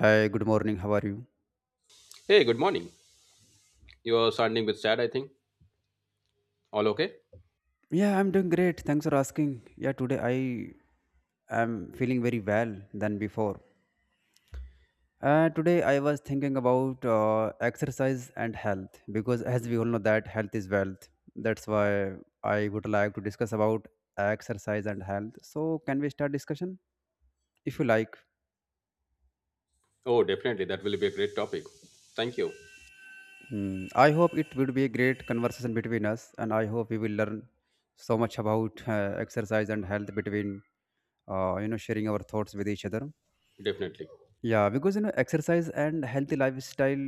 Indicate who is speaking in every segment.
Speaker 1: Hi, good morning. How are you?
Speaker 2: Hey, good morning. You are sounding with sad, I think. All okay?
Speaker 1: Yeah, I'm doing great. Thanks for asking. Yeah, today I am feeling very well than before. Today I was thinking about exercise and health because, as we all know, that health is wealth. That's why I would like to discuss about exercise and health. So, can we start discussion if you like?
Speaker 2: Oh, definitely. That will be a great topic. Thank you.
Speaker 1: Hmm. I hope it would be a great conversation between us, and I hope we will learn so much about exercise and health between you know, sharing our thoughts with each other.
Speaker 2: Definitely.
Speaker 1: Yeah, because you know, exercise and healthy lifestyle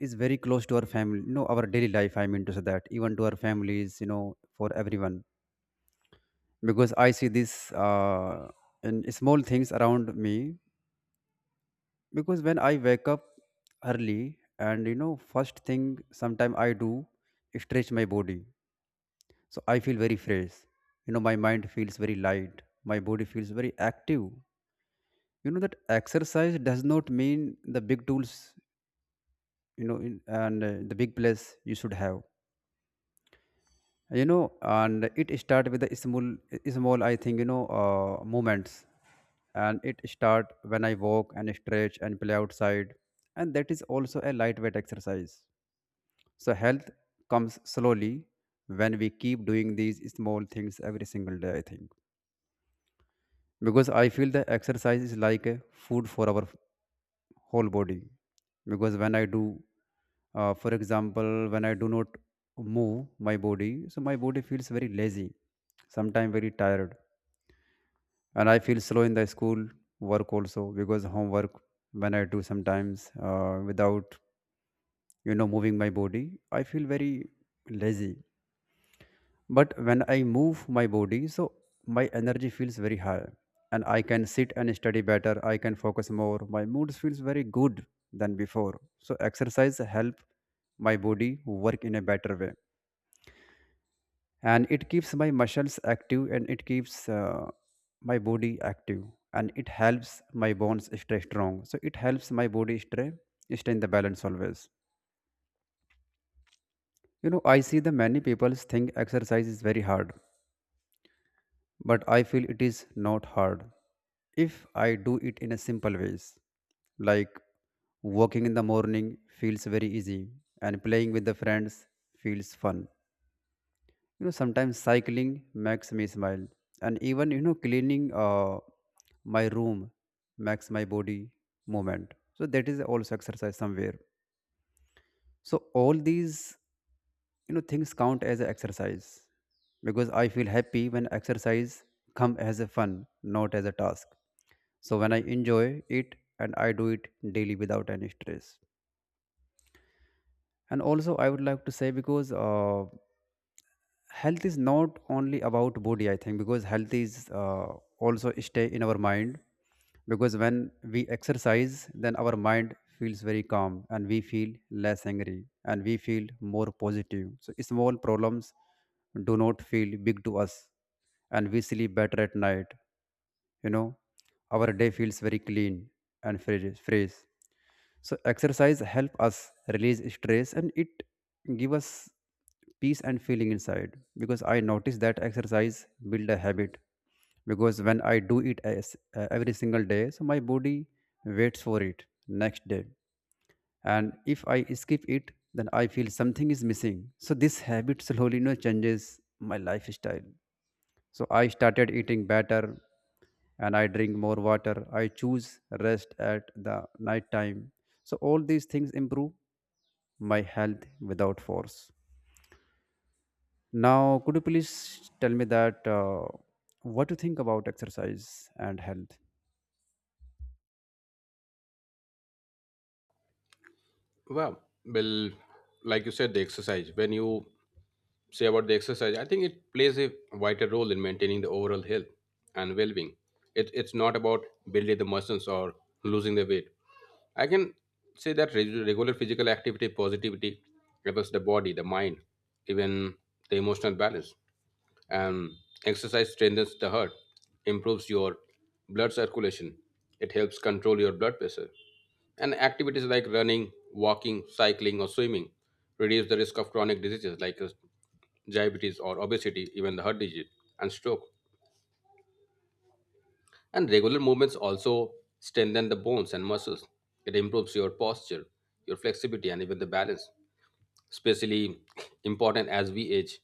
Speaker 1: is very close to our family, you know, our daily life. I mean to say that even to our families, you know, for everyone. Because I see this in small things around me. Because when I wake up early, and you know, first thing sometime I do is stretch my body, so I feel very fresh. You know, my mind feels very light. My body feels very active. You know that exercise does not mean the big tools you know in, and the big place you should have, you know, and it start with the small small, I think, you know, moments, and it start when I walk and stretch and play outside, and that is also a lightweight exercise. So health comes slowly when we keep doing these small things every single day, I think, because I feel the exercise is like a food for our whole body. Because when I do for example, when I do not move my body, so my body feels very lazy, sometimes very tired, and I feel slow in the school work also, because homework when I do sometimes without, you know, moving my body, I feel very lazy. But when I move my body, so my energy feels very high, and I can sit and study better. I can focus more. My mood feels very good than before. So exercise help my body work in a better way, and it keeps my muscles active, and it keeps my body active, and it helps my bones stay strong. So it helps my body stay in the balance always. You know, I see the many people think exercise is very hard, but I feel it is not hard if I do it in a simple ways. Like walking in the morning feels very easy, and playing with the friends feels fun. You know, sometimes cycling makes me smile, and even, you know, cleaning my room makes my body movement. So that is also exercise somewhere. So all these, you know, things count as a exercise, because I feel happy when exercise come as a fun, not as a task. So when I enjoy it and I do it daily without any stress. And also I would like to say, because health is not only about body, I think, because health is also stay in our mind. Because when we exercise, then our mind feels very calm, and we feel less angry, and we feel more positive, so small problems do not feel big to us, and we sleep better at night, you know, our day feels very clean and fresh fresh. So exercise help us release stress, and it give us peace and feeling inside, because I notice that exercise build a habit. Because when I do it as every single day, so my body waits for it next day, and if I skip it, then I feel something is missing. So this habit slowly, you know, changes my lifestyle. So I started eating better, and I drink more water. I choose rest at the night time. So all these things improve my health without force. Now, could you please tell me that what you think about exercise and health?
Speaker 2: Wow. Well, like you said, the exercise. When you say about the exercise, I think it plays a vital role in maintaining the overall health and well-being. It's not about building the muscles or losing the weight. I can say that regular physical activity, positivity, affects the body, the mind, even the emotional balance. Um, Exercise strengthens the heart, improves your blood circulation, it helps control your blood pressure. And activities like running, walking, cycling, or swimming reduce the risk of chronic diseases like diabetes or obesity, even the heart disease and stroke. And regular movements also strengthen the bones and muscles. It improves your posture, your flexibility, and even the balance, especially important as we age.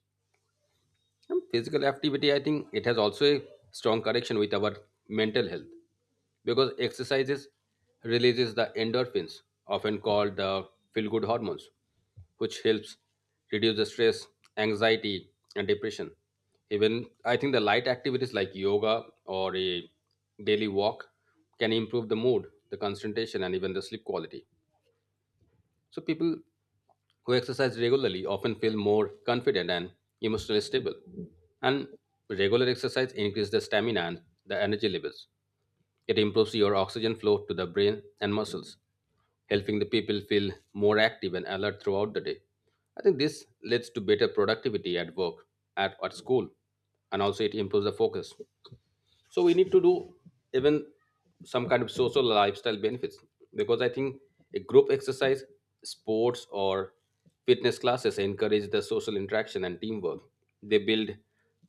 Speaker 2: Physical activity, I think it has also a strong connection with our mental health because exercises releases the endorphins, often called the feel-good hormones, which helps reduce the stress, anxiety, and depression. Even I think the light activities like yoga or a daily walk can improve the mood, the concentration, and even the sleep quality. So people who exercise regularly often feel more confident and emotionally stable. And regular exercise increases the stamina and the energy levels. It improves your oxygen flow to the brain and muscles, helping the people feel more active and alert throughout the day. I think this leads to better productivity at work, at school, and also it improves the focus, so we need to do even some kind of social lifestyle benefits, because I think a group exercise, sports, or fitness classes encourage the social interaction and teamwork. They build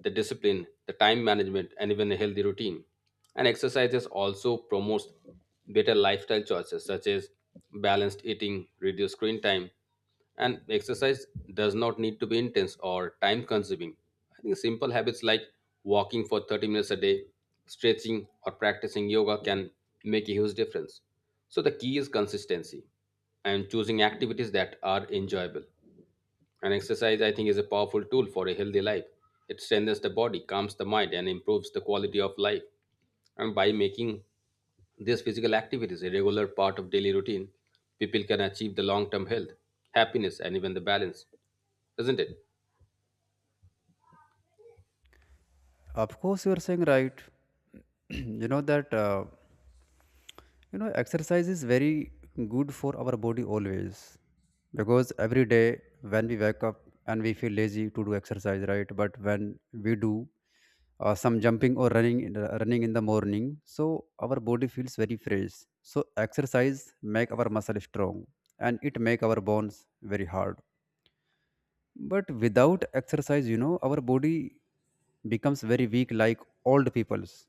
Speaker 2: the discipline, the time management, and even a healthy routine. And exercises also promotes better lifestyle choices such as balanced eating, reduced screen time. And exercise does not need to be intense or time consuming. I think simple habits like walking for 30 minutes a day, stretching, or practicing yoga can make a huge difference. So the key is consistency and choosing activities that are enjoyable. And exercise, I think, is a powerful tool for a healthy life. It strengthens the body, calms the mind, and improves the quality of life. And by making this physical activity is a regular part of daily routine. People can achieve the long term health, happiness, and even the balance, isn't it?
Speaker 1: Of course, you are saying right. You know that. You know, exercise is very good for our body always, because every day when we wake up, and we feel lazy to do exercise, right? But when we do some jumping or running, running in the morning, so our body feels very fresh. So exercise make our muscle strong, and it make our bones very hard. But without exercise, you know, our body becomes very weak, like old people's,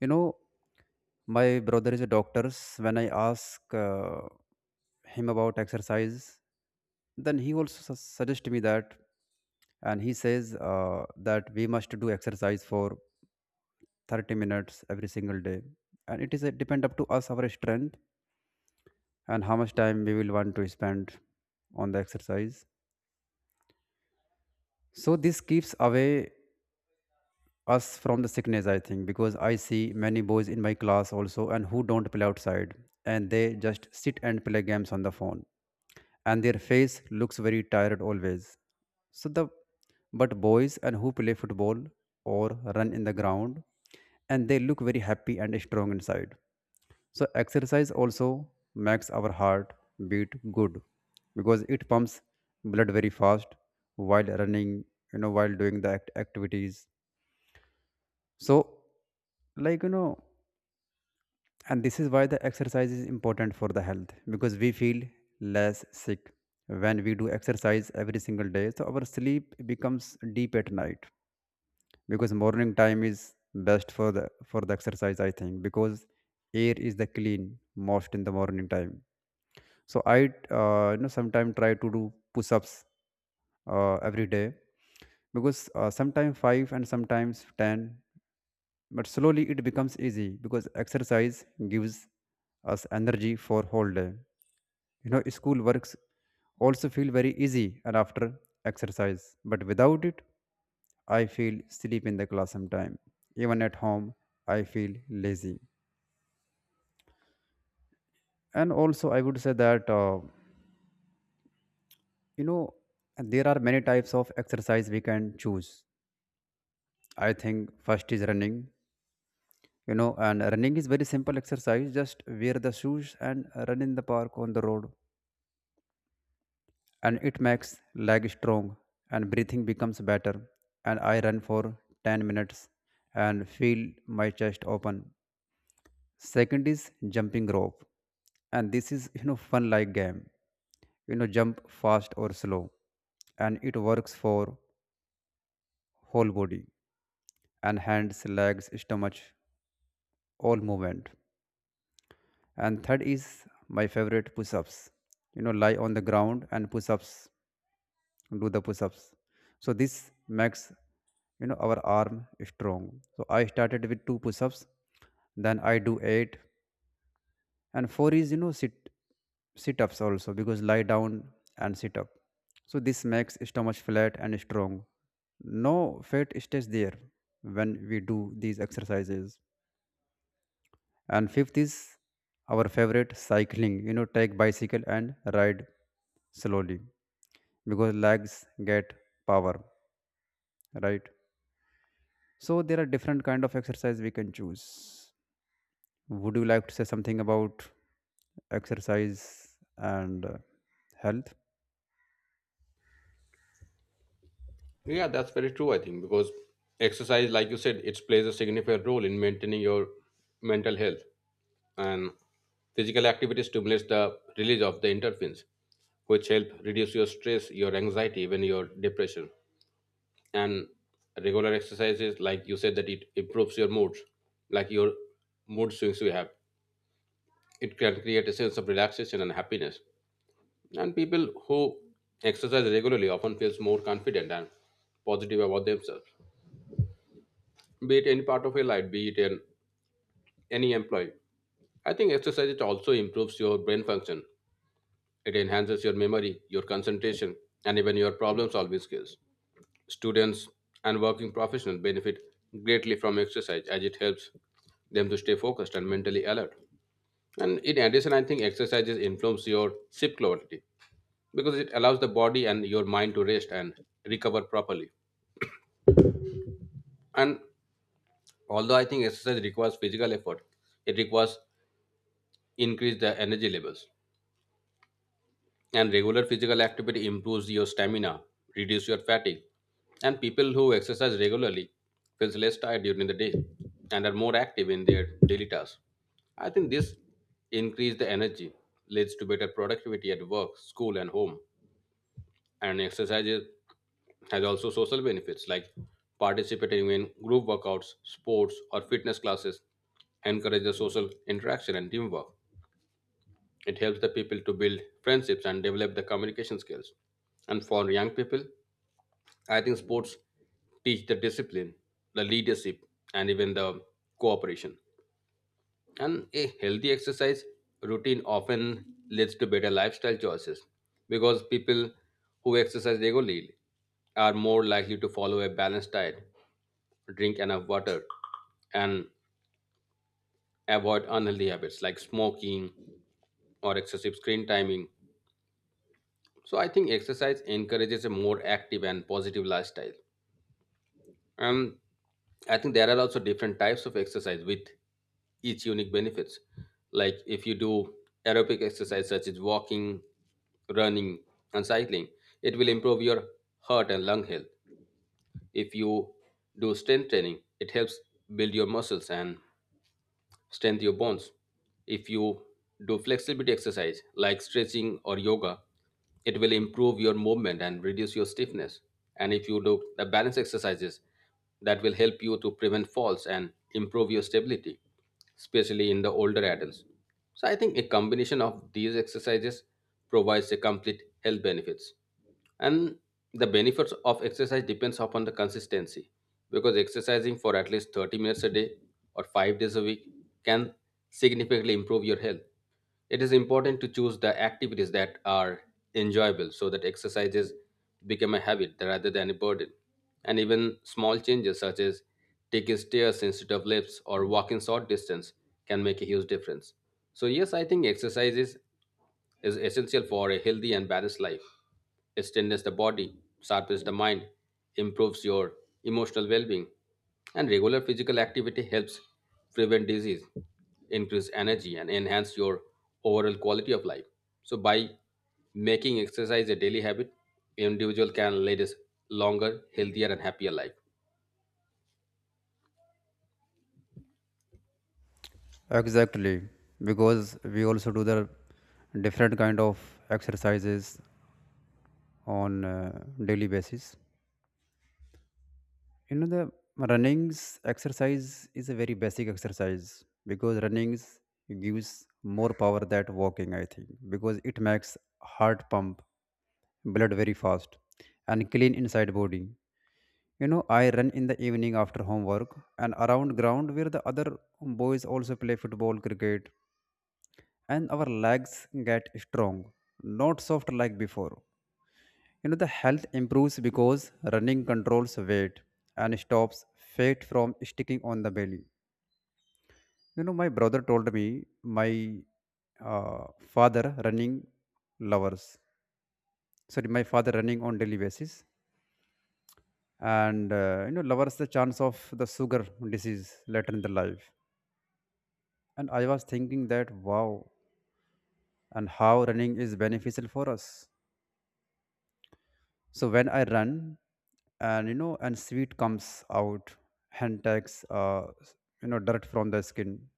Speaker 1: you know, my brother is a doctor. When I ask him about exercise, then he also suggests me that, and he says that we must do exercise for 30 minutes every single day, and it is a, depend up to us our strength and how much time we will want to spend on the exercise. So this keeps away us from the sickness, I think, because I see many boys in my class also, and who don't play outside, and they just sit and play games on the phone, and their face looks very tired always. So the, but boys and who play football, or run in the ground, and they look very happy and strong inside. So exercise also makes our heart beat good, because it pumps blood very fast while running, you know, while doing the activities. So, like, you know, and this is why the exercise is important for the health, because we feel less sick when we do exercise every single day, so our sleep becomes deep at night. Because morning time is best for the exercise, I think, because air is the clean most in the morning time. So I, you know, sometimes try to do push-ups every day, because sometimes 5 and sometimes 10. But slowly it becomes easy, because exercise gives us energy for whole day. You know, school works also feel very easy and after exercise. But without it, I feel sleep in the class sometime. Even at home, I feel lazy. And also, I would say that you know, there are many types of exercise we can choose. I think first is running. You know, and running is very simple exercise. Just wear the shoes and run in the park on the road. And it makes leg strong, and breathing becomes better, and I run for 10 minutes and feel my chest open. Second is jumping rope, and this is, you know, fun like game, you know, jump fast or slow, and it works for whole body, and hands, legs, stomach, all movement. And third is my favorite push-ups, you know, lie on the ground and push-ups, do the push-ups. So this makes, you know, our arm strong, so I started with two push-ups, then I do eight. And four is, you know, sit-ups also, because lie down and sit up, so this makes stomach flat and strong, no fat stays there when we do these exercises. And fifth is our favorite cycling, you know, take bicycle and ride slowly, because legs get power, right? So there are different kind of exercise we can choose. Would you like to say something about exercise and health?
Speaker 2: Yeah, that's very true, I think, because exercise, like you said, it plays a significant role in maintaining your mental health. And physical activity stimulates the release of the endorphins, which help reduce your stress, your anxiety, even your depression. And regular exercises, like you said, that it improves your moods, like your mood swings you have. It can create a sense of relaxation and happiness. And people who exercise regularly often feels more confident and positive about themselves. Be it any part of your life, be it in any employee. I think exercise it also improves your brain function. It enhances your memory, your concentration, and even your problem solving skills. Students and working professionals benefit greatly from exercise as it helps them to stay focused and mentally alert. And in addition, I think exercises influence your sleep quality, because it allows the body and your mind to rest and recover properly. And although I think exercise requires physical effort, it requires increase the energy levels. And regular physical activity improves your stamina, reduce your fatigue. And people who exercise regularly feels less tired during the day and are more active in their daily tasks. I think this increase the energy leads to better productivity at work, school and home. And exercises has also social benefits like participating in group workouts, sports, or fitness classes, encourages social interaction and teamwork. It helps the people to build friendships and develop the communication skills. And for young people, I think sports teach the discipline, the leadership, and even the cooperation. And a healthy exercise routine often leads to better lifestyle choices because people who exercise regularly are more likely to follow a balanced diet, drink enough water, and avoid unhealthy habits like smoking or excessive screen timing. So I think exercise encourages a more active and positive lifestyle. And I think there are also different types of exercise with each unique benefits. Like if you do aerobic exercise such as walking, running, and cycling, it will improve your heart and lung health. If you do strength training, it helps build your muscles and strengthen your bones. If you do flexibility exercise like stretching or yoga, it will improve your movement and reduce your stiffness. And if you do the balance exercises, that will help you to prevent falls and improve your stability, especially in the older adults. So I think a combination of these exercises provides a complete health benefits, and the benefits of exercise depends upon the consistency, because exercising for at least 30 minutes a day or 5 days a week can significantly improve your health. It is important to choose the activities that are enjoyable so that exercises become a habit rather than a burden. And even small changes such as taking stairs instead of lifts or walking short distance can make a huge difference. So yes, I think exercises is essential for a healthy and balanced life. It strengthens the body, sharpens the mind, improves your emotional well being, and regular physical activity helps prevent disease, increase energy, and enhance your overall quality of life. So, by making exercise a daily habit, individual can lead a longer, healthier, and happier life.
Speaker 1: Exactly, because we also do the different kind of exercises on daily basis. You know, the runnings exercise is a very basic exercise, because runnings gives more power than walking. I think because it makes heart pump blood very fast and clean inside body. You know, I run in the evening after homework and around ground where the other boys also play football, cricket, and our legs get strong, not soft like before. You know, the health improves because running controls weight and stops fat from sticking on the belly. You know, my brother told me my father running lovers. Sorry, my father running on daily basis, and you know, lowers the chance of the sugar disease later in the life. And I was thinking that, wow, and how running is beneficial for us. So when I run, and you know, and sweat comes out, hand takes, you know, dirt from the skin,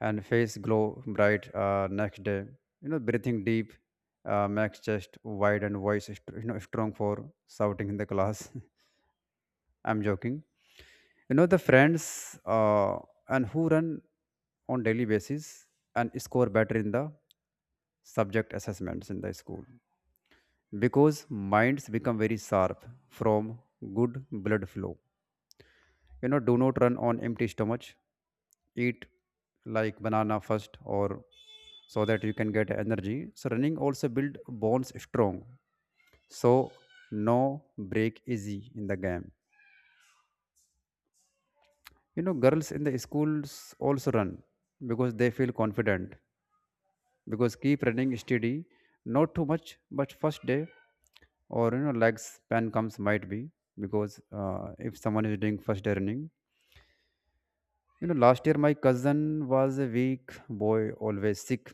Speaker 1: and face glow bright next day. You know, breathing deep makes chest wide and voice, is, you know, strong for shouting in the class. I'm joking. The friends and who run on daily basis and score better in the subject assessments in the school because minds become very sharp from good blood flow. Do not run on empty stomach. Eat like banana first, or so that you can get energy. So running also build bones strong, so no break easy in the game. Girls in the schools also run because they feel confident, because keep running steady, not too much, but first day or lag span comes might be because if someone is doing first earning. Last year my cousin was a weak boy, always sick,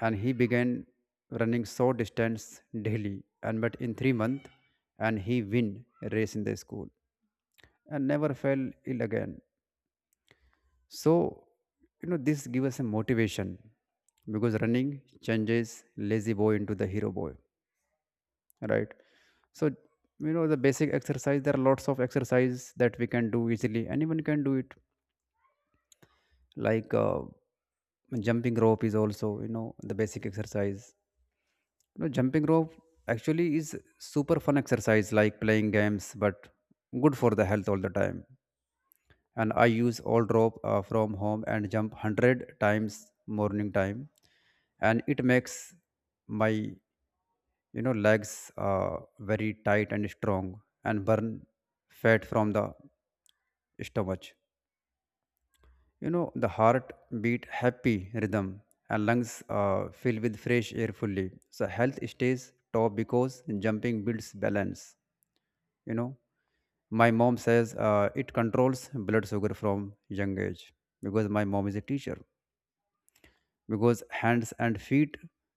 Speaker 1: and he began running short distance daily, and but in 3 months and he win a race in the school and never fell ill again. So this gives us a motivation because running changes lazy boy into the hero boy, right? So the basic exercise, there are lots of exercise that we can do easily, anyone can do it, like jumping rope is also the basic exercise. Jumping rope actually is super fun exercise like playing games, but good for the health all the time. And I use old rope from home and jump 100 times morning time, and it makes my legs very tight and strong and burn fat from the stomach. The heart beat happy rhythm and lungs fill with fresh air fully. So health stays top because jumping builds balance. You know my mom says it controls blood sugar from young age because my mom is a teacher, because hands and feet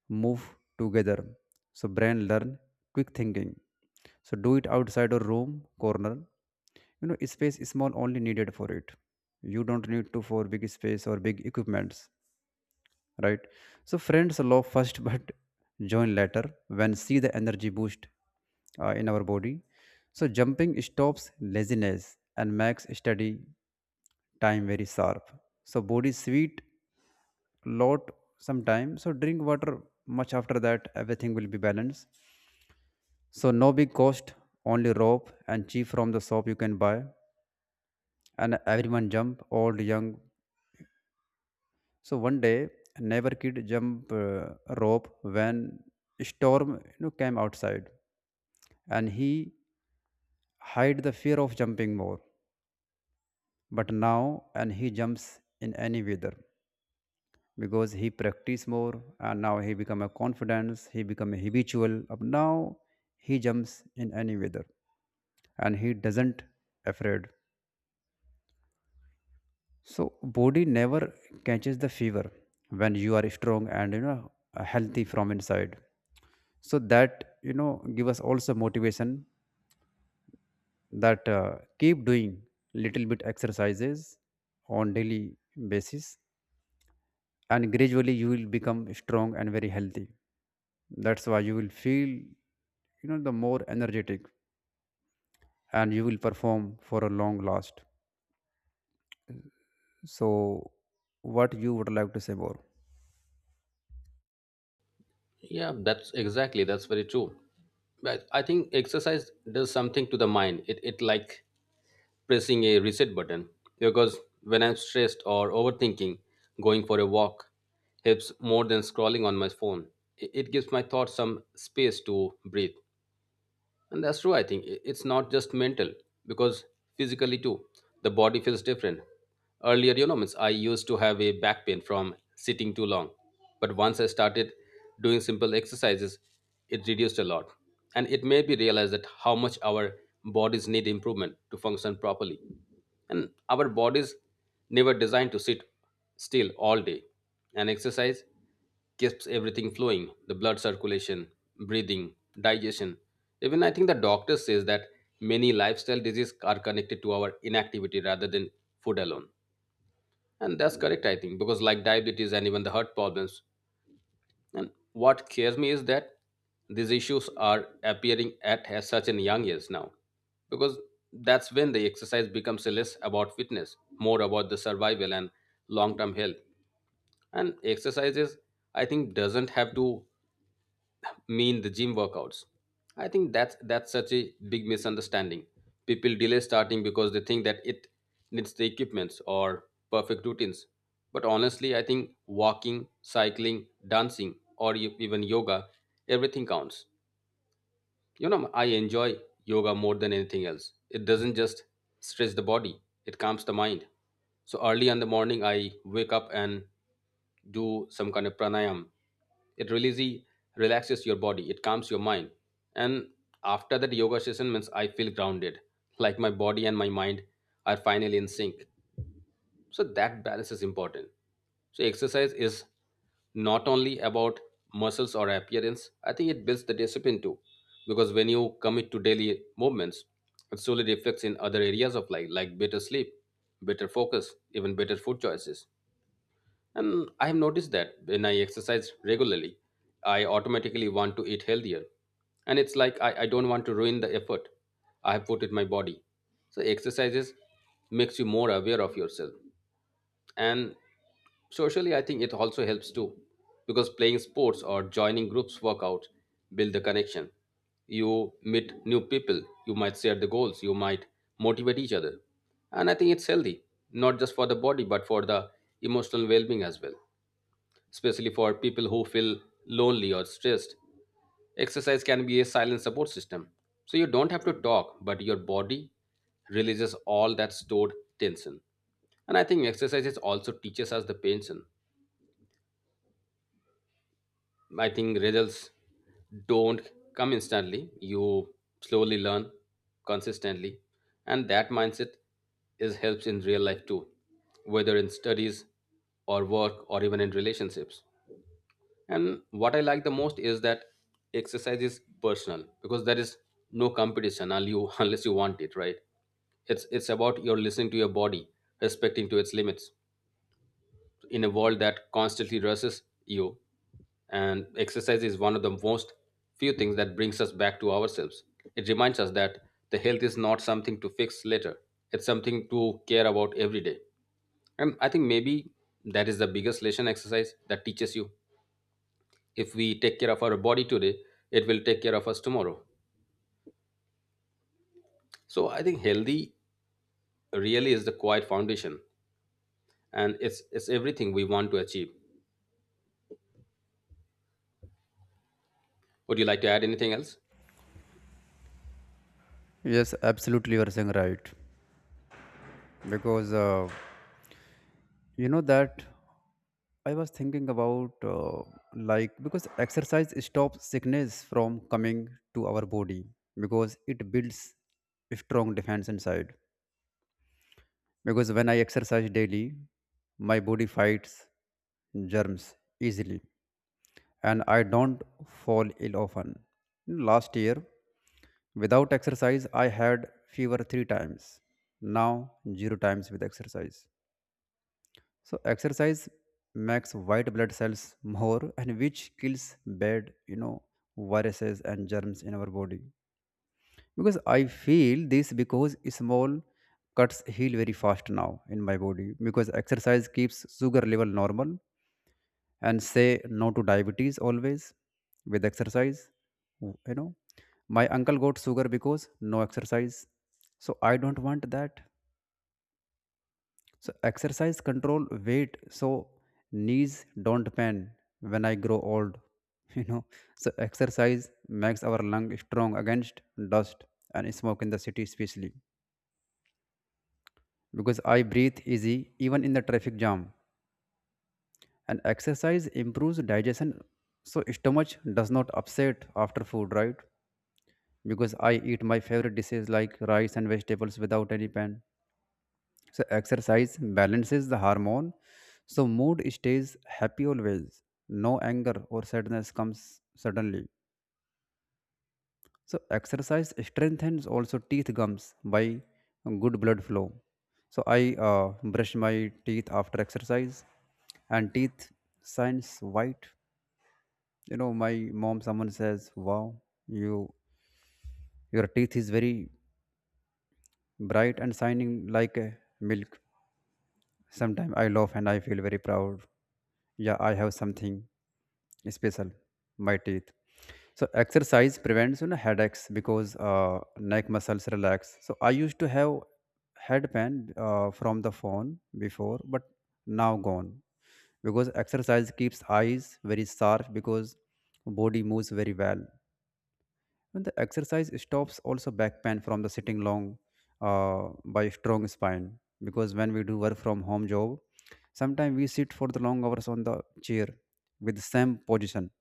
Speaker 1: move together. So brain learn quick thinking. So do it outside a room corner. Space is small only needed for it. You don't need to for big space or big equipments, right? So friends love first but join later when see the energy boost in our body. So jumping stops laziness and makes study time very sharp. So body sweet lot sometime, so drink water much after that everything will be balanced. So no big cost, only rope and cheap from the shop you can buy. And everyone jump old young. So one day neighbor kid jump rope when storm came outside, and he hide the fear of jumping more, but now and he jumps in any weather because he practice more and now he become a confidence, he become a habitual up now he jumps in any weather and he doesn't afraid. So body never catches the fever when you are strong and healthy from inside. So that give us also motivation that keep doing little bit exercises on daily basis, and gradually you will become strong and very healthy. That's why you will feel, the more energetic, and you will perform for a long last. So, what you would like to say more?
Speaker 2: Yeah, that's very true. But I think exercise does something to the mind. It like pressing a reset button because when I'm stressed or overthinking, going for a walk helps more than scrolling on my phone. It gives my thoughts some space to breathe. And that's true, I think. It's not just mental, because physically too, the body feels different. Earlier, you know, means I used to have a back pain from sitting too long. But once I started doing simple exercises, it reduced a lot. And it made me realize that how much our bodies need improvement to function properly. And our bodies never designed to sit still all day. And exercise keeps everything flowing, the blood circulation, breathing, digestion. Even I think the doctor says that many lifestyle diseases are connected to our inactivity rather than food alone. And that's correct, I think, because like diabetes and even the heart problems. And what scares me is that these issues are appearing at as such a young age now, because that's when the exercise becomes less about fitness, more about the survival and long-term health. And exercises, I think, doesn't have to mean the gym workouts. I think that's such a big misunderstanding. People delay starting because they think that it needs the equipments or perfect routines. But honestly, I think walking, cycling, dancing, or even yoga, everything counts. You know, I enjoy yoga more than anything else. It doesn't just stretch the body; it calms the mind. So early in the morning, I wake up and do some kind of pranayam. It really relaxes your body, it calms your mind. And after that yoga session means I feel grounded, like my body and my mind are finally in sync. So that balance is important. So exercise is not only about muscles or appearance, I think it builds the discipline too, because when you commit to daily movements, it slowly reflects in other areas of life like better sleep, better focus, even better food choices. And I have noticed that when I exercise regularly, I automatically want to eat healthier. And it's like I don't want to ruin the effort I have put in my body. So exercises makes you more aware of yourself. And socially I think it also helps too. Because playing sports or joining groups workout build the connection. You meet new people, you might share the goals, you might motivate each other. And I think it's healthy, not just for the body but for the emotional well being as well, especially for people who feel lonely or stressed. Exercise can be a silent support system. So you don't have to talk, but your body releases all that stored tension. And I think exercises also teaches us the patience. I think results don't come instantly. You slowly learn consistently. And that mindset is helps in real life too, whether in studies or work or even in relationships. And what I like the most is that exercise is personal because there is no competition unless you, unless you want it, right? It's about your listening to your body, respecting to its limits in a world that constantly rushes you. And exercise is one of the most few things that brings us back to ourselves. It reminds us that the health is not something to fix later. It's something to care about every day. And I think maybe that is the biggest lesson exercise that teaches you, if we take care of our body today, it will take care of us tomorrow. So I think healthy really is the quiet foundation, and it's everything we want to achieve. Would you like to add anything else?
Speaker 1: Yes, absolutely, you are saying right. Because, that I was thinking about like because exercise stops sickness from coming to our body because it builds a strong defense inside. Because when I exercise daily, my body fights germs easily and I don't fall ill often. Last year, without exercise, I had fever three times. Now, zero times with exercise. So, exercise makes white blood cells more and which kills bad, viruses and germs in our body. Because I feel this because small cuts heal very fast now in my body, because exercise keeps sugar level normal and say no to diabetes always with exercise. W- you know my uncle got sugar because no exercise, so I don't want that. So exercise control weight, so knees don't pain when I grow old you know so exercise makes our lung strong against dust and smoke in the city especially because I breathe easy even in the traffic jam. And exercise improves digestion, so stomach does not upset after food, right? Because I eat my favorite dishes like rice and vegetables without any pain. So exercise balances the hormone, so mood stays happy always. No anger or sadness comes suddenly. So exercise strengthens also teeth gums by good blood flow. So I brush my teeth after exercise, and teeth shines white. My mom someone says, "Wow, you your teeth is very bright and shining like a milk." Sometimes I laugh and I feel very proud. Yeah, I have something special, my teeth. So exercise prevents headaches because neck muscles relax. So I used to have head pain from the phone before, but now gone, because exercise keeps eyes very sharp because body moves very well when the exercise stops, also back pain from the sitting long by strong spine. Because when we do work from home job, sometimes we sit for the long hours on the chair with the same position,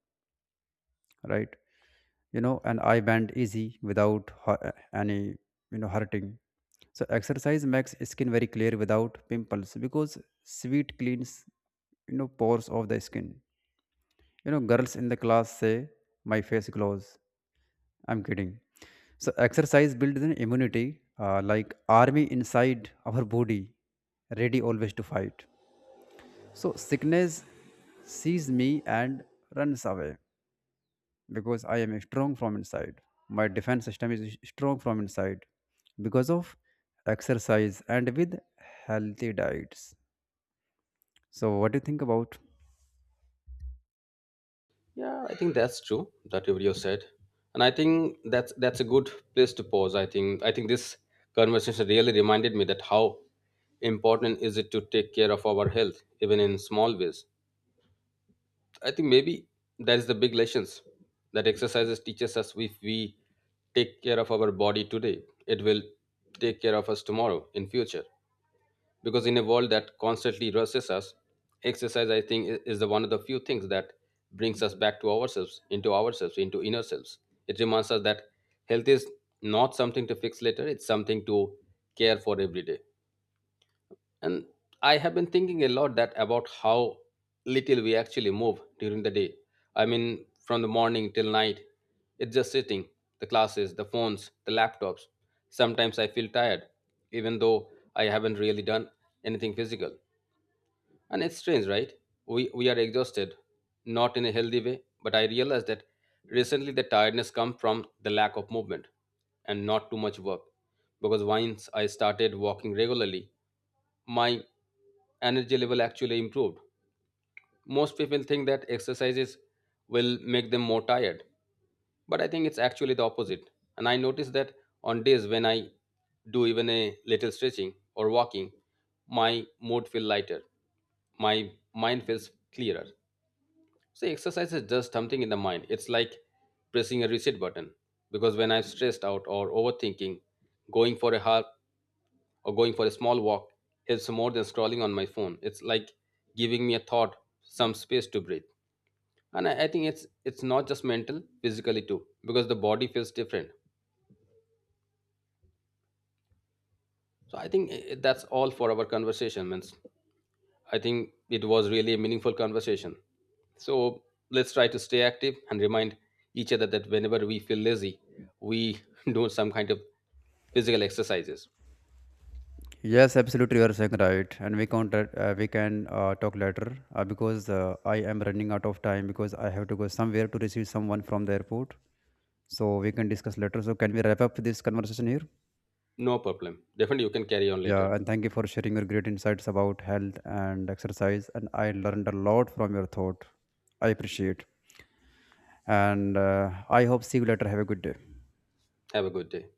Speaker 1: right? And eye bend easy without any hurting. So exercise makes skin very clear without pimples because sweat cleans pores of the skin. Girls in the class say my face glows. I'm kidding. So exercise builds an immunity, like army inside our body, ready always to fight. So sickness sees me and runs away because I am strong from inside. My defense system is strong from inside because of exercise and with healthy diets. So what do you think about?
Speaker 2: Yeah, I think that's true that you said. And I think that's a good place to pause. I think this conversation really reminded me that how important is it to take care of our health even in small ways. I think maybe that is the big lessons that exercises teaches us. If we take care of our body today, it will take care of us tomorrow in future. Because in a world that constantly rushes us, exercise I think is the one of the few things that brings us back to ourselves, into inner selves. It reminds us that health is not something to fix later; it's something to care for every day. And I have been thinking a lot that about how little we actually move during the day. I mean, from the morning till night, it's just sitting, the classes, the phones, the laptops. Sometimes I feel tired, even though I haven't really done anything physical. And it's strange, right? We are exhausted, not in a healthy way, but I realized that recently the tiredness comes from the lack of movement and not too much work. Because once I started walking regularly, my energy level actually improved. Most people think that exercises will make them more tired, but I think it's actually the opposite. And I notice that on days when I do even a little stretching or walking, my mood feels lighter. My mind feels clearer. So exercise is just something in the mind. It's like pressing a reset button because when I'm stressed out or overthinking, going for a hard going for a small walk helps more than scrolling on my phone. It's like giving me a thought, some space to breathe. And I think it's not just mental, physically too, because the body feels different. So I think that's all for our conversation. Means I think it was really a meaningful conversation. So let's try to stay active and remind each other that whenever we feel lazy, we do some kind of physical exercises.
Speaker 1: Yes, absolutely, you are saying right, and we can talk later because I am running out of time because I have to go somewhere to receive someone from the airport. So we can discuss later. So can we wrap up this conversation here?
Speaker 2: No problem. Definitely, you can carry on later.
Speaker 1: Yeah, and thank you for sharing your great insights about health and exercise. And I learned a lot from your thought. I appreciate, and I hope see you later. Have a good day.
Speaker 2: Have a good day.